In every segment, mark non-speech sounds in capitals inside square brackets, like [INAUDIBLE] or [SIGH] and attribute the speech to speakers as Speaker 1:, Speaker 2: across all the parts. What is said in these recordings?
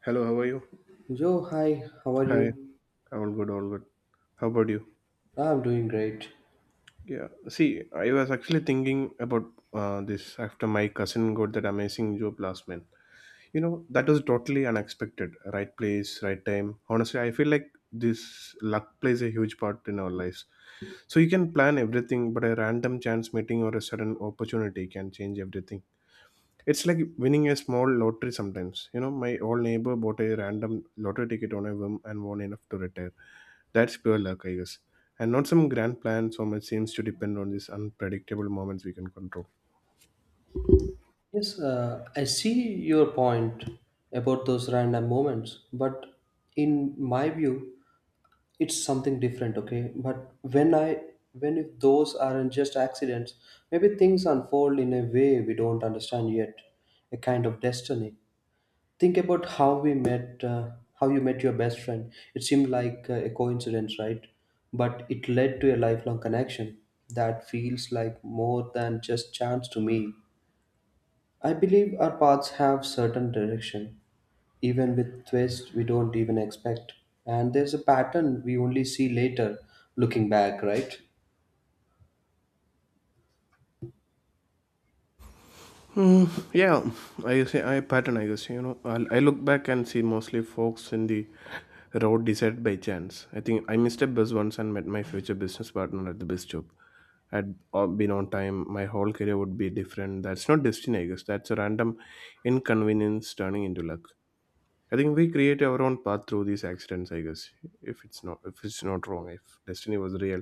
Speaker 1: Hello, how are you?
Speaker 2: Joe, hi, how are
Speaker 1: Hi,
Speaker 2: you?
Speaker 1: all good, all good. How about you?
Speaker 2: I'm doing great.
Speaker 1: Yeah, see, I was actually thinking about this after my cousin got that amazing job last month. You know, that was totally unexpected. Right place, right time. Honestly, I feel like this luck plays a huge part in our lives. So you can plan everything, but a random chance meeting or a sudden opportunity can change everything. It's like winning a small lottery sometimes. You know, my old neighbor bought a random lottery ticket on a whim and won enough to retire. That's pure luck, I guess. And not some grand plan, so much seems to depend on these unpredictable moments we can control.
Speaker 2: Yes, I see your point about those random moments, but in my view, it's something different, okay? But when I when if those aren't just accidents, maybe things unfold in a way we don't understand yet, a kind of destiny. Think about how we met, how you met your best friend. It seemed like a coincidence, right? But it led to a lifelong connection that feels like more than just chance to me. I believe our paths have certain direction, even with twists we don't even expect. And there's a pattern we only see later, looking back, right?
Speaker 1: Hmm, yeah, I say I pattern. I guess. I look back and see mostly folks in the road decided by chance. I think I missed a bus once and met my future business partner at the bus job. Had been on time, my whole career would be different. That's not destiny, I guess. That's a random inconvenience turning into luck. I think we create our own path through these accidents, I guess. If it's not wrong, if destiny was real,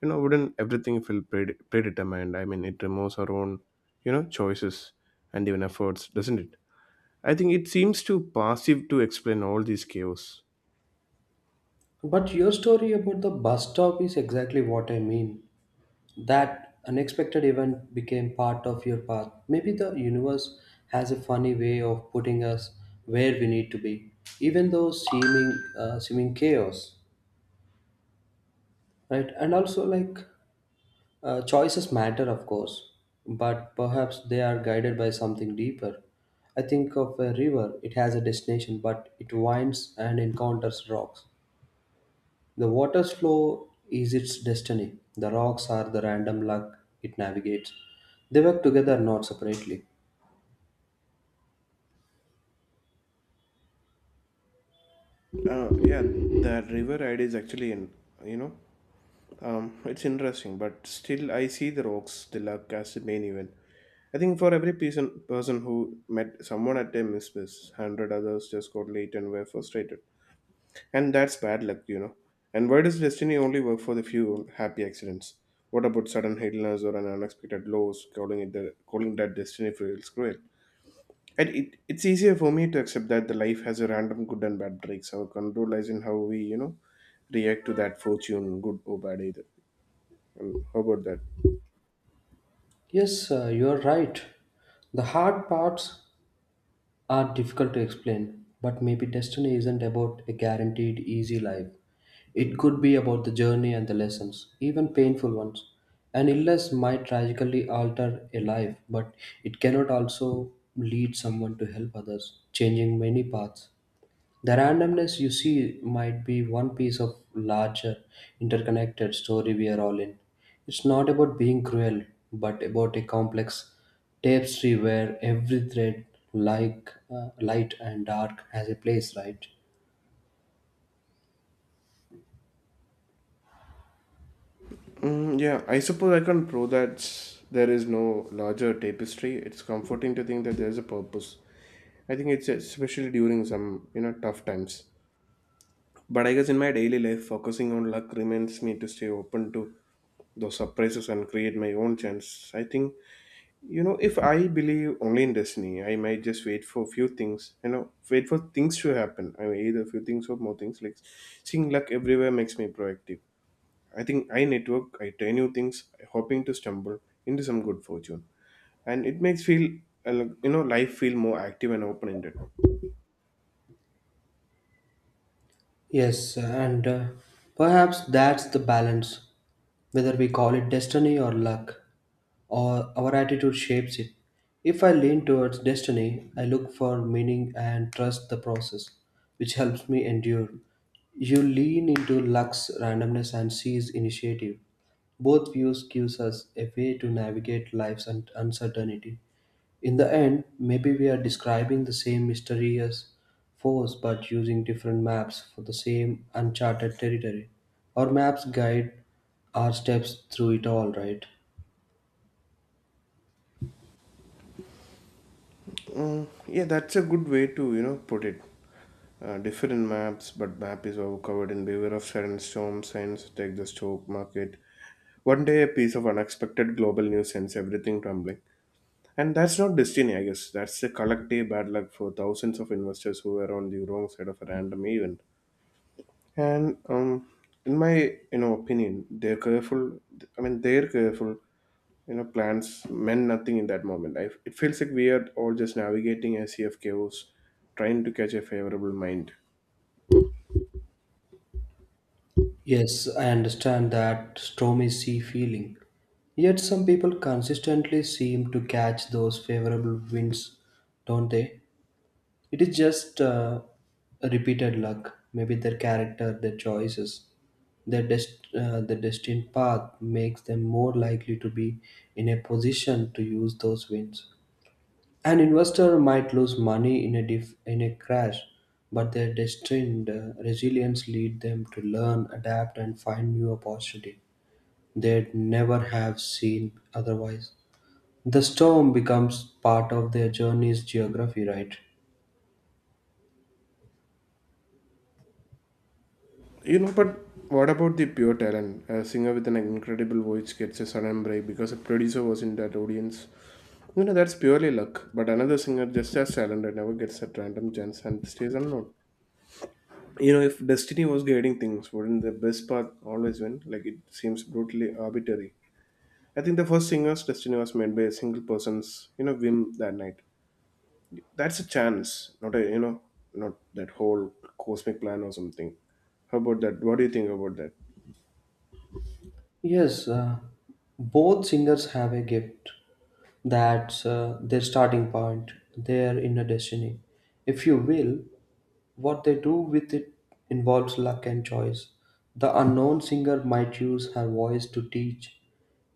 Speaker 1: you know, wouldn't everything feel predetermined? I mean, it removes our own, choices and even efforts, doesn't it? I think it seems too passive to explain all these chaos.
Speaker 2: But your story about the bus stop is exactly what I mean. That unexpected event became part of your path. Maybe the universe has a funny way of putting us where we need to be, even though seeming chaos, right? And also, choices matter, of course, but perhaps they are guided by something deeper. I think of a river; it has a destination, but it winds and encounters rocks. The water's flow is its destiny. The rocks are the random luck it navigates. They work together, not separately.
Speaker 1: Yeah, that river ride is actually in, you know, it's interesting, but still I see the rocks, the luck as the main event. I think for every person who met someone at a misfits, hundred others just got late and were frustrated. And that's bad luck. And why does destiny only work for the few happy accidents? What about sudden illness or an unexpected loss? Calling that destiny feels cruel. And it's easier for me to accept that the life has a random good and bad breaks. Our control lies in how we, react to that fortune, good or bad either. And how about that?
Speaker 2: Yes, you're right. The hard parts are difficult to explain, but maybe destiny isn't about a guaranteed easy life. It could be about the journey and the lessons, even painful ones. An illness might tragically alter a life, but it cannot also lead someone to help others, changing many paths. The randomness you see might be one piece of larger, interconnected story we are all in. It's not about being cruel, but about a complex tapestry where every thread, light and dark, has a place, right?
Speaker 1: Mm, yeah, I suppose I can't prove that there is no larger tapestry. It's comforting to think that there is a purpose. I think it's especially during some, tough times. But I guess in my daily life, focusing on luck reminds me to stay open to those surprises and create my own chance. I think, if I believe only in destiny, I might just wait for few things, wait for things to happen. I mean, either few things or more things. Like seeing luck everywhere makes me proactive. I think I network, I try new things, hoping to stumble into some good fortune, and it makes feel like, life feel more active and open-ended.
Speaker 2: Yes, and perhaps that's the balance, whether we call it destiny or luck, or our attitude shapes it. If I lean towards destiny, I look for meaning and trust the process, which helps me endure. You lean into luck's randomness and seize initiative. Both views gives us a way to navigate uncertainty. In the end, maybe we are describing the same mysterious force but using different maps for the same uncharted territory. Our maps guide our steps through it all, right?
Speaker 1: Mm, yeah, that's a good way to put it. Different maps, but map is all covered in beware of sudden storm signs. Take the stock market. One day, a piece of unexpected global news sends everything tumbling, and that's not destiny, I guess. That's a collective bad luck for thousands of investors who were on the wrong side of a random event. And in my opinion, they're careful. I mean, they're careful. Plans meant nothing in that moment. It feels like we are all just navigating a sea of chaos, trying to catch a favorable mind.
Speaker 2: Yes, I understand that stormy sea feeling. Yet some people consistently seem to catch those favorable winds, don't they? It is just a repeated luck. Maybe their character, their choices, the destined path makes them more likely to be in a position to use those wins. An investor might lose money in a crash, but their destined resilience lead them to learn, adapt, and find new opportunity they'd never have seen otherwise. The storm becomes part of their journey's geography, right?
Speaker 1: But what about the pure talent? A singer with an incredible voice gets a sudden break because a producer was in that audience. That's purely luck. But another singer just as talented never gets that random chance and stays unknown. If destiny was guiding things, wouldn't the best path always win? Like, it seems brutally arbitrary. I think the first singer's destiny was made by a single person's whim that night. That's a chance, not a you know not that whole cosmic plan or something. How about that? What do you think about that?
Speaker 2: Yes, both singers have a gift. That's their starting point, their inner destiny. If you will, what they do with it involves luck and choice. The unknown singer might use her voice to teach,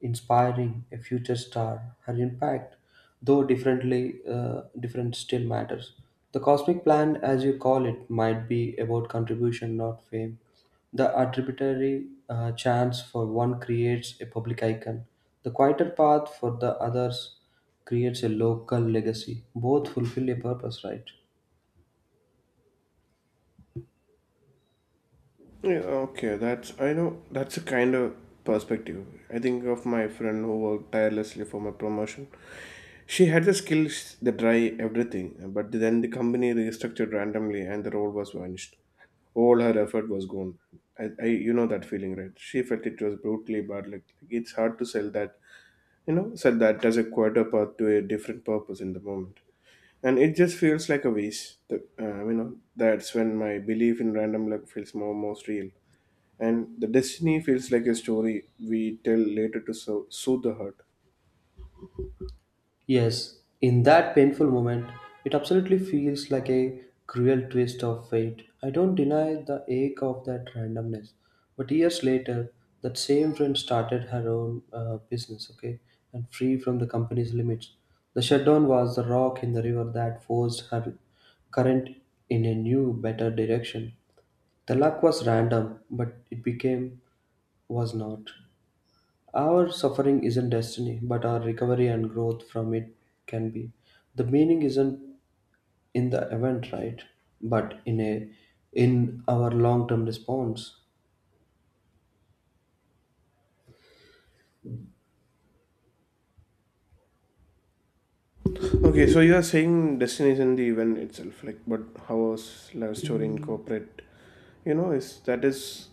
Speaker 2: inspiring a future star. Her impact, though different, still matters. The cosmic plan, as you call it, might be about contribution, not fame. The arbitrary chance for one creates a public icon. The quieter path for the others creates a local legacy. Both fulfill a purpose, right?
Speaker 1: Yeah, okay, that's, I know, that's a kind of perspective. I think of my friend who worked tirelessly for my promotion. She had the skills, the try, everything. But then the company restructured randomly and the role was vanished, all her effort was gone. I you know that feeling, right? She felt it was brutally bad. Like, it's hard to sell that, sell that as a quarter path to a different purpose in the moment. And it just feels like a waste. That's when my belief in random luck feels more most real. And the destiny feels like a story we tell later to soothe the hurt.
Speaker 2: Yes, in that painful moment, it absolutely feels like a cruel twist of fate. I don't deny the ache of that randomness. But years later, that same friend started her own business, okay, and free from the company's limits. The shutdown was the rock in the river that forced her current in a new, better direction. The luck was random, but it became was not. Our suffering isn't destiny, but our recovery and growth from it can be. The meaning isn't in the event, right? But in our long-term response.
Speaker 1: Okay, so you are saying destiny is in the event itself, like, but how was love story incorporate? Is that is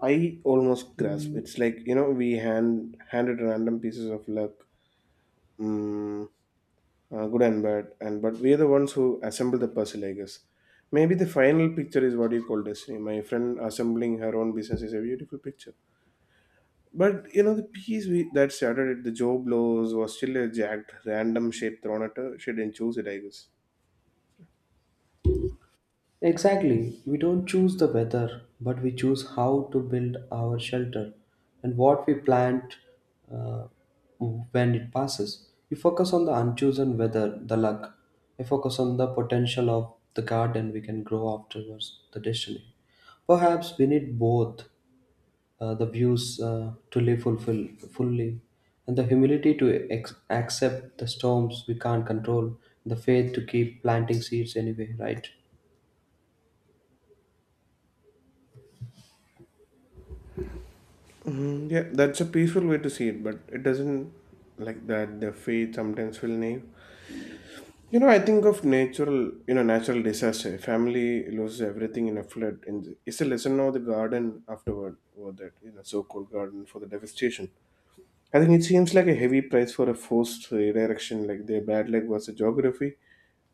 Speaker 1: I almost grasp. It's like we handed random pieces of luck, mm, good and bad, and but we are the ones who assemble the puzzle. I guess maybe the final picture is what you call destiny. My friend assembling her own business is a beautiful picture. But you know the piece that shattered it, the Joe blows was still a jagged random shape thrown at her. She didn't choose it, I guess.
Speaker 2: Exactly. We don't choose the weather, but we choose how to build our shelter and what we plant uh, when it passes. You focus on the unchosen weather, the luck. You focus on the potential of the garden we can grow afterwards, the destiny. Perhaps we need both the views to live fulfill fully, and the humility to accept the storms we can't control, the faith to keep planting seeds anyway, right?
Speaker 1: Mm, yeah, that's a peaceful way to see it, but it doesn't like that. The fate sometimes will naive. I think of natural, natural disaster. Family loses everything in a flood. And it's a lesson now the garden afterward, or that, so-called garden for the devastation. I think it seems like a heavy price for a forced redirection, like their bad luck was a geography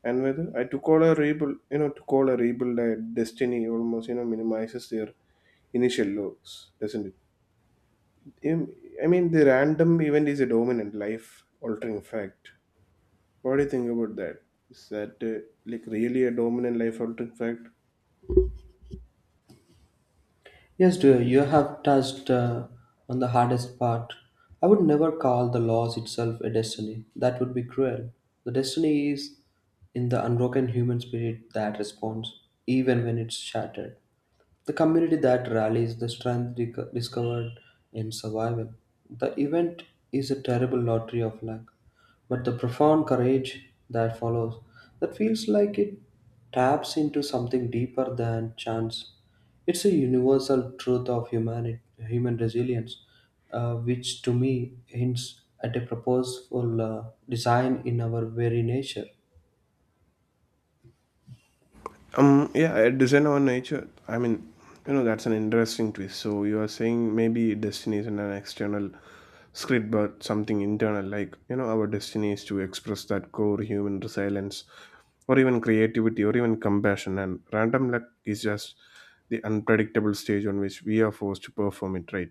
Speaker 1: and weather. I to call a rebuild, you know, To call a rebuild a destiny almost, minimizes their initial loss, doesn't it? I mean, the random event is a dominant life-altering fact. What do you think about that? Is that like really a dominant life altering fact?
Speaker 2: Yes, dear, you have touched on the hardest part. I would never call the loss itself a destiny. That would be cruel. The destiny is in the unbroken human spirit that responds, even when it's shattered. The community that rallies the strength discovered in survival. The event is a terrible lottery of luck, but the profound courage that follows that feels like it taps into something deeper than chance. It's a universal truth of humanity, human resilience, which to me hints at a purposeful design in our very nature.
Speaker 1: Yeah, a design on nature. I mean, that's an interesting twist. So you are saying maybe destiny isn't an external script, but something internal. Like our destiny is to express that core human resilience, or even creativity, or even compassion. And random luck is just the unpredictable stage on which we are forced to perform it, right?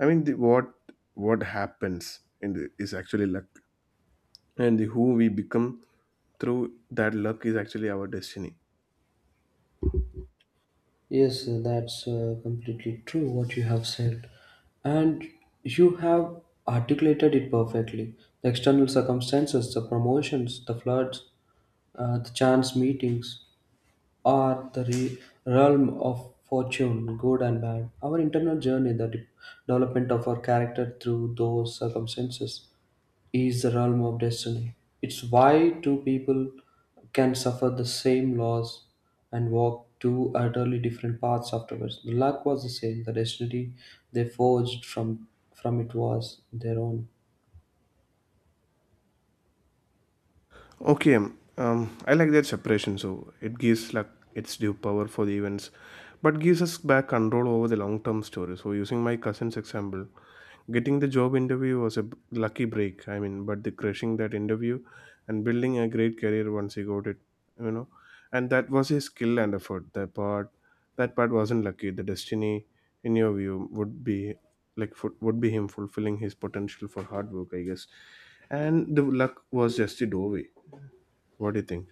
Speaker 1: I mean, what happens in the, is actually luck, and who we become through that luck is actually our destiny.
Speaker 2: Yes, that's completely true what you have said. And you have articulated it perfectly. The external circumstances, the promotions, the floods, the chance meetings are the realm of fortune, good and bad. Our internal journey, the development of our character through those circumstances is the realm of destiny. It's why two people can suffer the same loss and walk two utterly different paths afterwards. The luck was the same, the destiny they forged from it was their own.
Speaker 1: Okay, I like that separation. So it gives luck its due power for the events, but gives us back control over the long term story. So using my cousin's example, getting the job interview was a lucky break, I mean, but the crushing that interview and building a great career once he got it, you know, and that was his skill and effort. That part wasn't lucky. The destiny, in your view, would be would be him fulfilling his potential for hard work, I guess, and the luck was just a doorway. What do you think?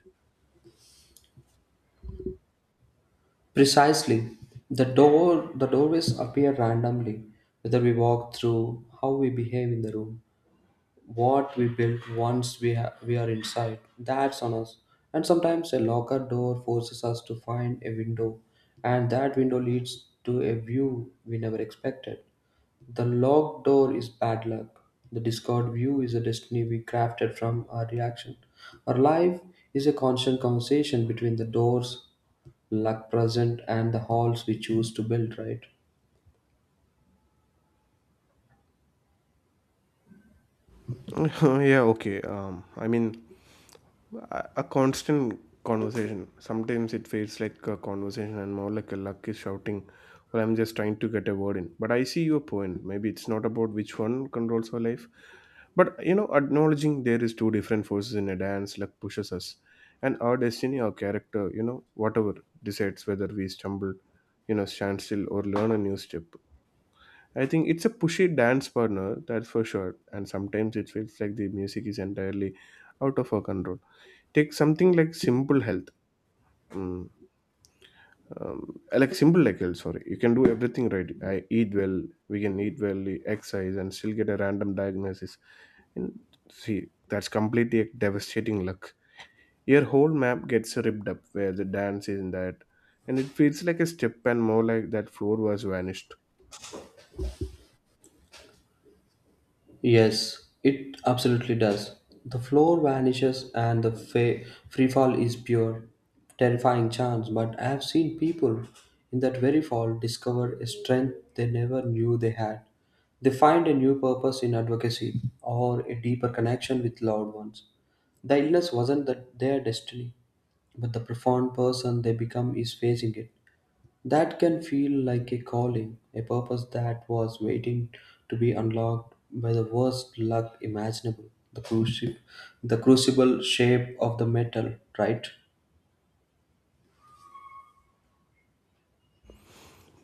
Speaker 2: Precisely. The doorways appear randomly, whether we walk through, how we behave in the room, what we built once we are inside, that's on us. And sometimes a locker door forces us to find a window, and that window leads to a view we never expected. The locked door is bad luck. The discord view is a destiny we crafted from our reaction. Our life is a constant conversation between the doors, luck present, and the halls we choose to build, right?
Speaker 1: [LAUGHS] Yeah, okay. I mean, a constant conversation. Sometimes it feels like a conversation and more like a luck is shouting, "Well, I'm just trying to get a word in." But I see your point. Maybe it's not about which one controls our life. But acknowledging there is two different forces in a dance, luck pushes us. And our destiny, our character, whatever decides whether we stumble, stand still or learn a new step. I think it's a pushy dance partner, that's for sure. And sometimes it feels like the music is entirely out of our control. Take something like simple health. mm, like simple, like health, sorry, you can do everything right. I eat well We can eat well, exercise and still get a random diagnosis. And see, that's completely a devastating luck. Your whole map gets ripped up. Where the dance is in that? And it feels like a step and more like that floor was vanished.
Speaker 2: Yes, it absolutely does. The floor vanishes and the free fall is pure, terrifying chance. But I have seen people in that very fall discover a strength they never knew they had. They find a new purpose in advocacy or a deeper connection with loved ones. The illness wasn't that their destiny, but the profound person they become is facing it. That can feel like a calling, a purpose that was waiting to be unlocked by the worst luck imaginable. The cruci- the crucible shape of the metal, right?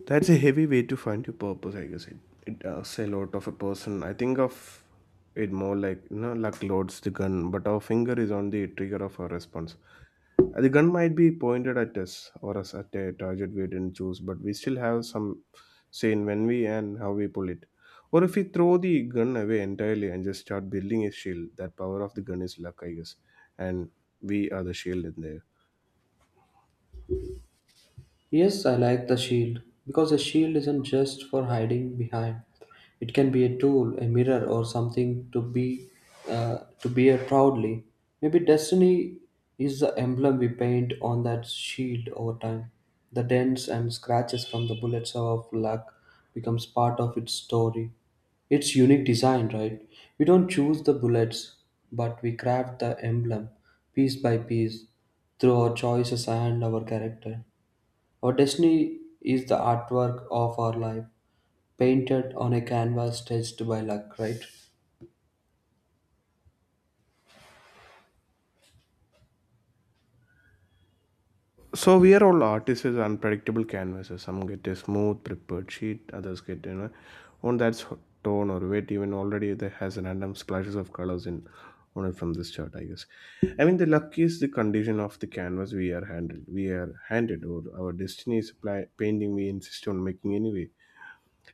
Speaker 1: That's a heavy way to find your purpose, I guess. It asks a lot of a person. I think of it more like, luck loads the gun but our finger is on the trigger of our response. The gun might be pointed at us or us at a target we didn't choose, but we still have some say in when we and how we pull it. Or if we throw the gun away entirely and just start building a shield, that power of the gun is luck, I guess. And we are the shield in there.
Speaker 2: Yes, I like the shield because a shield isn't just for hiding behind. It can be a tool, a mirror, or something to be to bear proudly. Maybe destiny is the emblem we paint on that shield over time. The dents and scratches from the bullets of luck becomes part of its story. It's unique design, right? We don't choose the bullets, but we craft the emblem piece by piece through our choices and our character. Our destiny is the artwork of our life, painted on a canvas stretched by luck, right?
Speaker 1: So we are all artists with unpredictable canvases. Some get a smooth prepared sheet, others get one that's tone or weight. Even already there has random splashes of colors in on it from this chart, I guess. The luck is the condition of the canvas we are handled. We are handed, or our destiny is painting we insist on making anyway.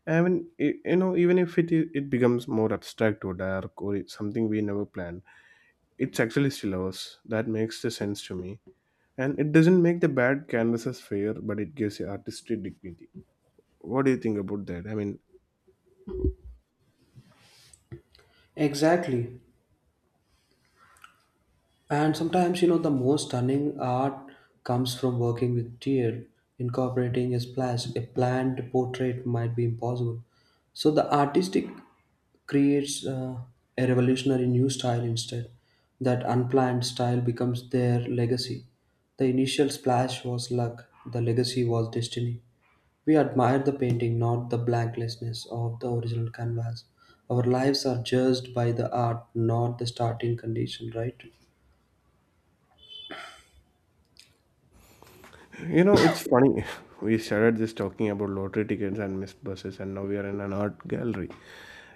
Speaker 1: Even if it becomes more abstract or dark or it's something we never planned, it's actually still ours. That makes the sense to me, and it doesn't make the bad canvases fair, but it gives the artistry dignity. What do you think about that?
Speaker 2: Exactly. And sometimes, you know, the most stunning art comes from working with tear. Incorporating a splash, a planned portrait might be impossible. So the artistic creates a revolutionary new style instead. That unplanned style becomes their legacy. The initial splash was luck, the legacy was destiny. We admire the painting, not the blanklessness of the original canvas. Our lives are judged by the art, not the starting condition, right?
Speaker 1: You know, it's funny. [LAUGHS] We started just talking about lottery tickets and missed buses, and now we are in an art gallery.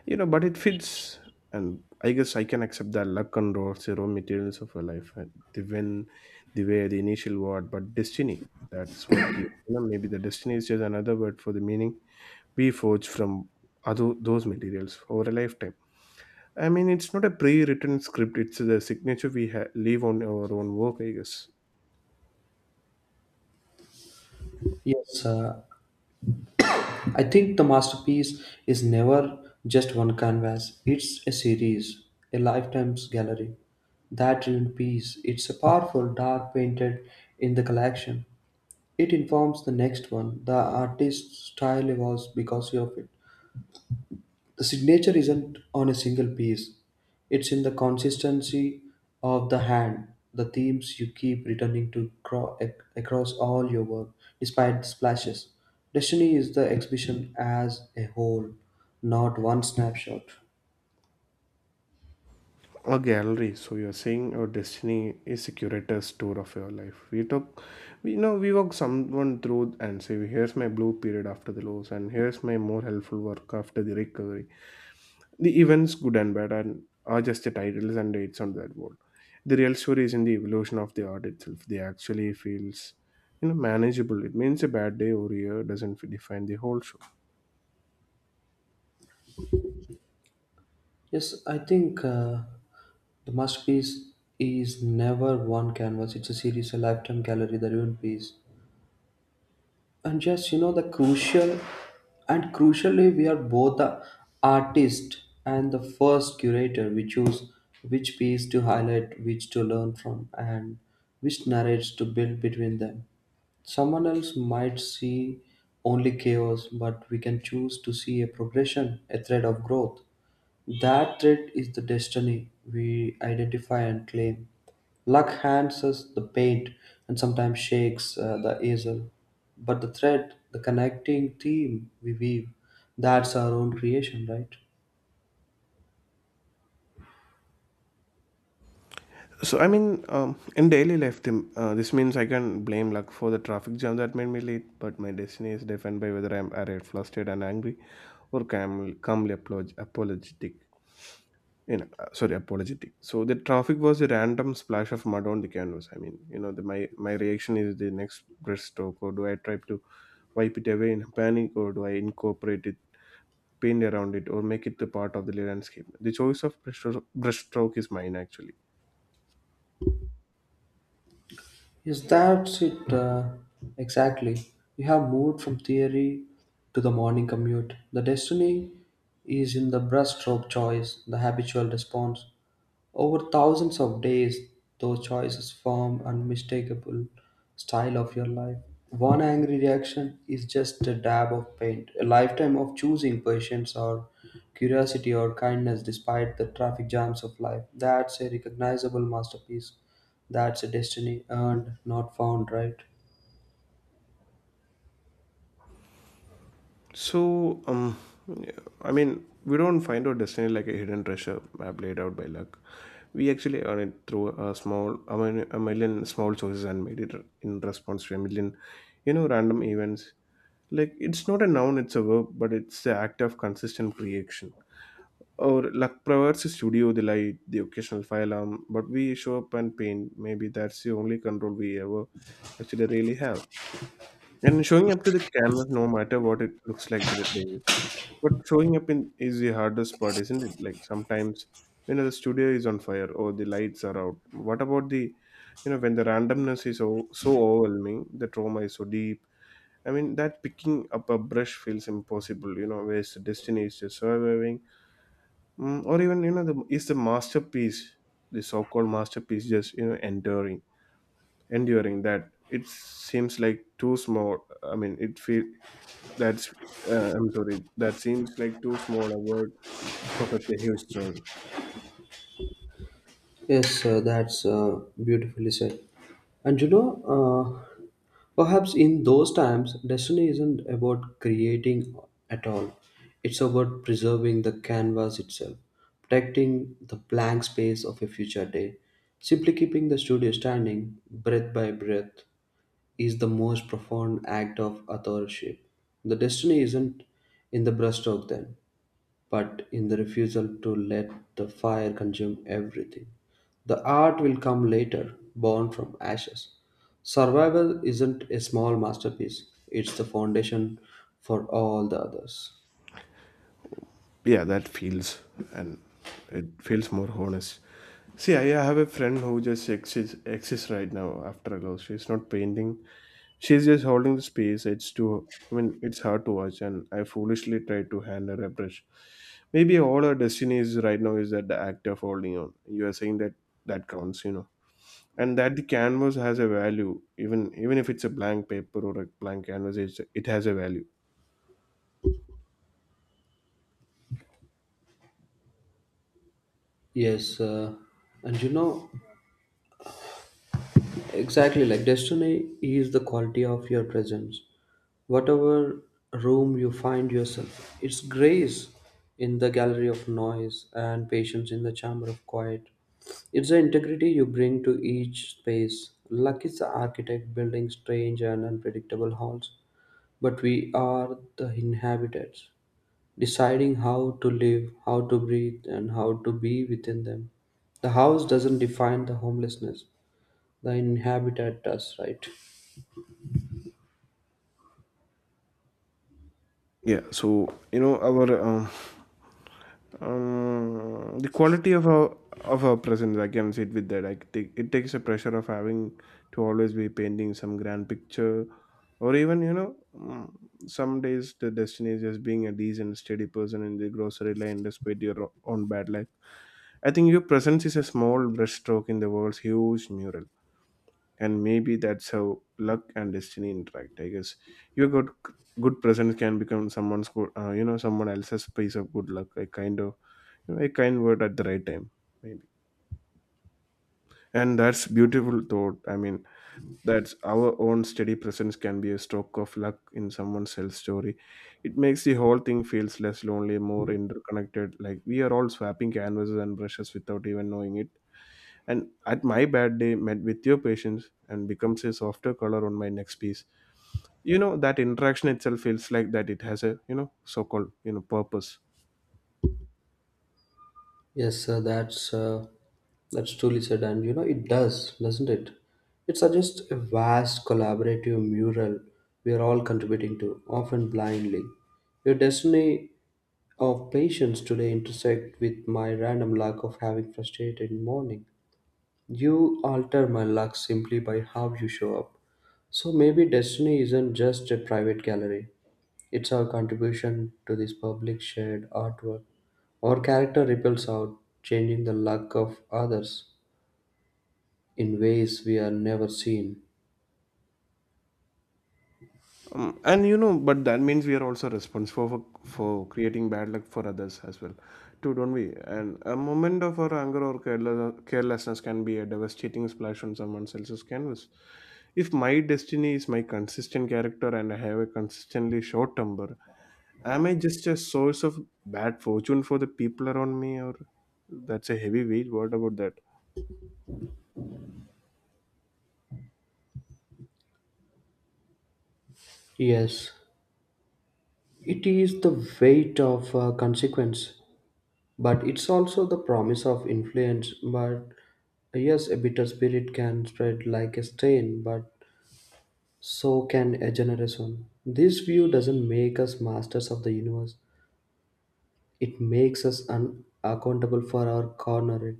Speaker 1: You know, but it fits. And I guess I can accept the luck and raw zero materials of a life and the win the way the initial word, but destiny, that's what keeps. You know, maybe the destiny is just another word for the meaning we forge from other those materials over a lifetime. It's not a pre-written script. It's the signature we leave on our own work, I guess.
Speaker 2: Yes, I think the masterpiece is never just one canvas. It's a series, a lifetime's gallery. That ruined piece, it's a powerful dark painted in the collection. It informs the next one. The artist's style evolves because of it. The signature isn't on a single piece, it's in the consistency of the hand, the themes you keep returning to across all your work, despite splashes. Destiny is the exhibition as a whole, not one snapshot.
Speaker 1: A gallery. So you're saying our destiny is a curator's tour of your life. We talk, we, we walk someone through and say, here's my blue period after the lows, and here's my more helpful work after the recovery. The events, good and bad, and are just the titles and dates on that wall. The real story is in the evolution of the art itself. They actually feels, manageable. It means a bad day or year doesn't define the whole show.
Speaker 2: Yes, I think the masterpiece is never one canvas, it's a series, a lifetime gallery, the ruined piece and just you know the crucial and crucially we are both the artist and the first curator we choose which piece to highlight which to learn from and which narratives to build between them someone else might see only chaos but we can choose to see a progression a thread of growth that threat is the destiny we identify and claim. Luck hands us the paint and sometimes shakes the easel. But the thread, the connecting theme we weave, that's our own creation, right?
Speaker 1: So in daily life, Tim, this means I can blame luck for the traffic jam that made me late, but my destiny is defined by whether I'm irate, flustered, and angry, or calm, calmly apologetic. Sorry, apologetic. So the traffic was a random splash of mud on the canvas. The, my reaction is the next breaststroke. Or do I try to wipe it away in a panic, or do I incorporate it, paint around it, or make it the part of the landscape? The choice of breaststroke is mine actually.
Speaker 2: Yes, that's it. Exactly. We have moved from theory to the morning commute. The destiny is in the brushstroke choice, the habitual response. Over thousands of days, those choices form unmistakable style of your life. One angry reaction is just a dab of paint. A lifetime of choosing patience or curiosity or kindness despite the traffic jams of life. That's a recognizable masterpiece. That's a destiny earned, not found, right?
Speaker 1: So, we don't find our destiny like a hidden treasure map laid out by luck. We actually earn it through a small, I mean, a million small choices and made it in response to a million, random events. Like, it's not a noun, it's a verb, but it's the act of consistent creation. Or luck provides a studio, the light, the occasional fire alarm, but we show up and paint. Maybe that's the only control we ever actually really have. And showing up to the canvas, no matter what it looks like that day, but showing up in is the hardest part, isn't it? Like sometimes the studio is on fire or the lights are out. What about the, when the randomness is so, so overwhelming, the trauma is so deep. I mean that picking up a brush feels impossible. You know, where's the destiny is just surviving, mm, or even the is the masterpiece, the so-called masterpiece, just enduring, enduring that it seems like too small. I mean it feel, that's, I'm sorry, that seems like too small a word so such a huge struggle.
Speaker 2: Yes, that's beautifully said. And you know, perhaps in those times, destiny isn't about creating at all. It's about preserving the canvas itself, protecting the blank space of a future day. Simply keeping the studio standing, breath by breath, is the most profound act of authorship. The destiny isn't in the brushstroke then, but in the refusal to let the fire consume everything. The art will come later, born from ashes. Survival isn't a small masterpiece, it's the foundation for all the others.
Speaker 1: Yeah, that feels, and it feels more honest. See, I have a friend who just exists right now after a loss. She's not painting, she's just holding the space. It's too, I mean, it's hard to watch, and I foolishly try to hand her a brush. Maybe all our destiny is right now is that the act of holding on. You are saying that, that counts, you know, and that the canvas has a value, even if it's a blank paper or a blank canvas, it has a value.
Speaker 2: Yes, and you know, exactly, like destiny is the quality of your presence. Whatever room you find yourself, it's grace in the gallery of noise and patience in the chamber of quiet. It's the integrity you bring to each space. Luck is the architect building strange and unpredictable halls, but we are the inhabitants deciding how to live, how to breathe, and how to be within them. The house doesn't define the homelessness, the inhabitant does, right?
Speaker 1: Yeah. So our, the quality of our, of our presence, I can sit with that. I take, it takes a pressure of having to always be painting some grand picture, or even some days the destiny is just being a decent steady person in the grocery line despite your own bad luck. I think your presence is a small brushstroke in the world's huge mural. And maybe that's how luck and destiny interact, I guess. Your good presence can become someone's good, someone else's piece of good luck. A kind of, a kind word at the right time, maybe. And that's beautiful thought. That's our own steady presence can be a stroke of luck in someone's else story. It makes the whole thing feels less lonely, more interconnected, like we are all swapping canvases and brushes without even knowing it. And at my bad day met with your patience and becomes a softer color on my next piece. You know, that interaction itself feels like that it has a, so-called, purpose.
Speaker 2: Yes, sir, that's truly said, and you know it does, doesn't it? It suggests a vast collaborative mural we are all contributing to, often blindly. Your destiny of patience today intersect with my random lack of having frustrated morning. You alter my luck simply by how you show up. So maybe destiny isn't just a private gallery, it's our contribution to this public shared artwork. Our character ripples out, changing the luck of others in ways we are never seen.
Speaker 1: And you know, but that means we are also responsible for creating bad luck for others as well too, don't we? And a moment of our anger or careless, carelessness can be a devastating splash on someone else's canvas. If my destiny is my consistent character and I have a consistently short temper, am I just a source of bad fortune for the people around me, or, that's a heavy weight. What about that?
Speaker 2: Yes, it is the weight of consequence, but it's also the promise of influence. But yes, a bitter spirit can spread like a stain, but so can a generation. This view doesn't make us masters of the universe, it makes us unaccountable for our corner.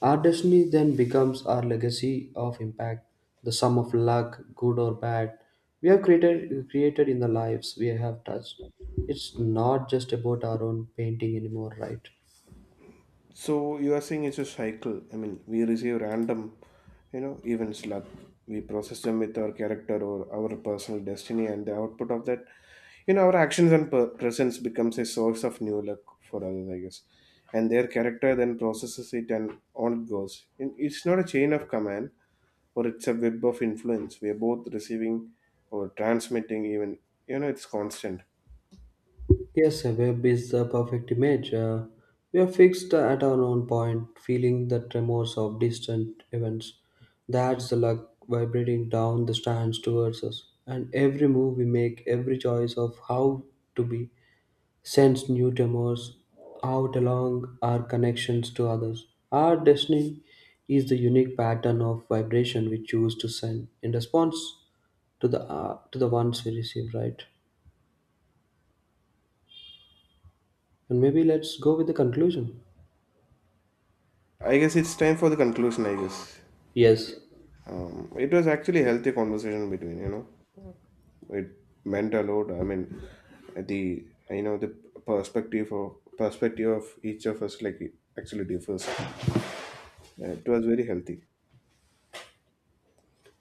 Speaker 2: Our destiny then becomes our legacy of impact, the sum of luck, good or bad, we have created in the lives we have touched. It's not just about our own painting anymore, right?
Speaker 1: So you are saying it's a cycle. We receive random, events like we process them with our character or our personal destiny, and the output of that, our actions and presence becomes a source of new luck for others, I guess. And their character then processes it, and on it goes. And it's not a chain of command, or it's a web of influence. We are both receiving or transmitting, even, it's constant.
Speaker 2: Yes, a web is the perfect image. We are fixed at our own point, feeling the tremors of distant events. That's the luck vibrating down the strands towards us. And every move we make, every choice of how to be, sends new tremors out along our connections to others. Our destiny is the unique pattern of vibration we choose to send in response to the ones we receive, right? And maybe let's go with the conclusion.
Speaker 1: I guess it's time for the conclusion, I guess.
Speaker 2: Yes,
Speaker 1: It was actually a healthy conversation between, you know, it meant a lot. The, the perspective of each of us, like it actually differs. It was very healthy.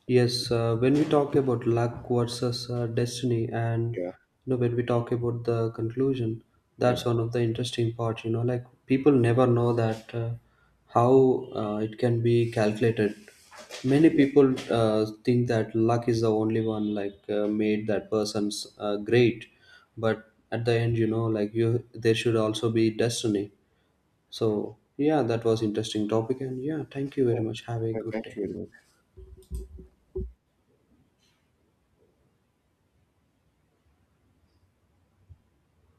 Speaker 2: yes. When we talk about luck versus destiny, and you
Speaker 1: Yeah,
Speaker 2: know, when we talk about the conclusion, that's
Speaker 1: yeah,
Speaker 2: one of the interesting parts. You know, like people never know that how it can be calculated. Many
Speaker 1: yeah.
Speaker 2: people think that luck is the only one like made that person's great, but at the end, you know, like you, there should also be destiny. So yeah, that was interesting topic, and yeah, thank you very
Speaker 1: Yeah.
Speaker 2: much. Have a
Speaker 1: Thank
Speaker 2: good day.
Speaker 1: you very much.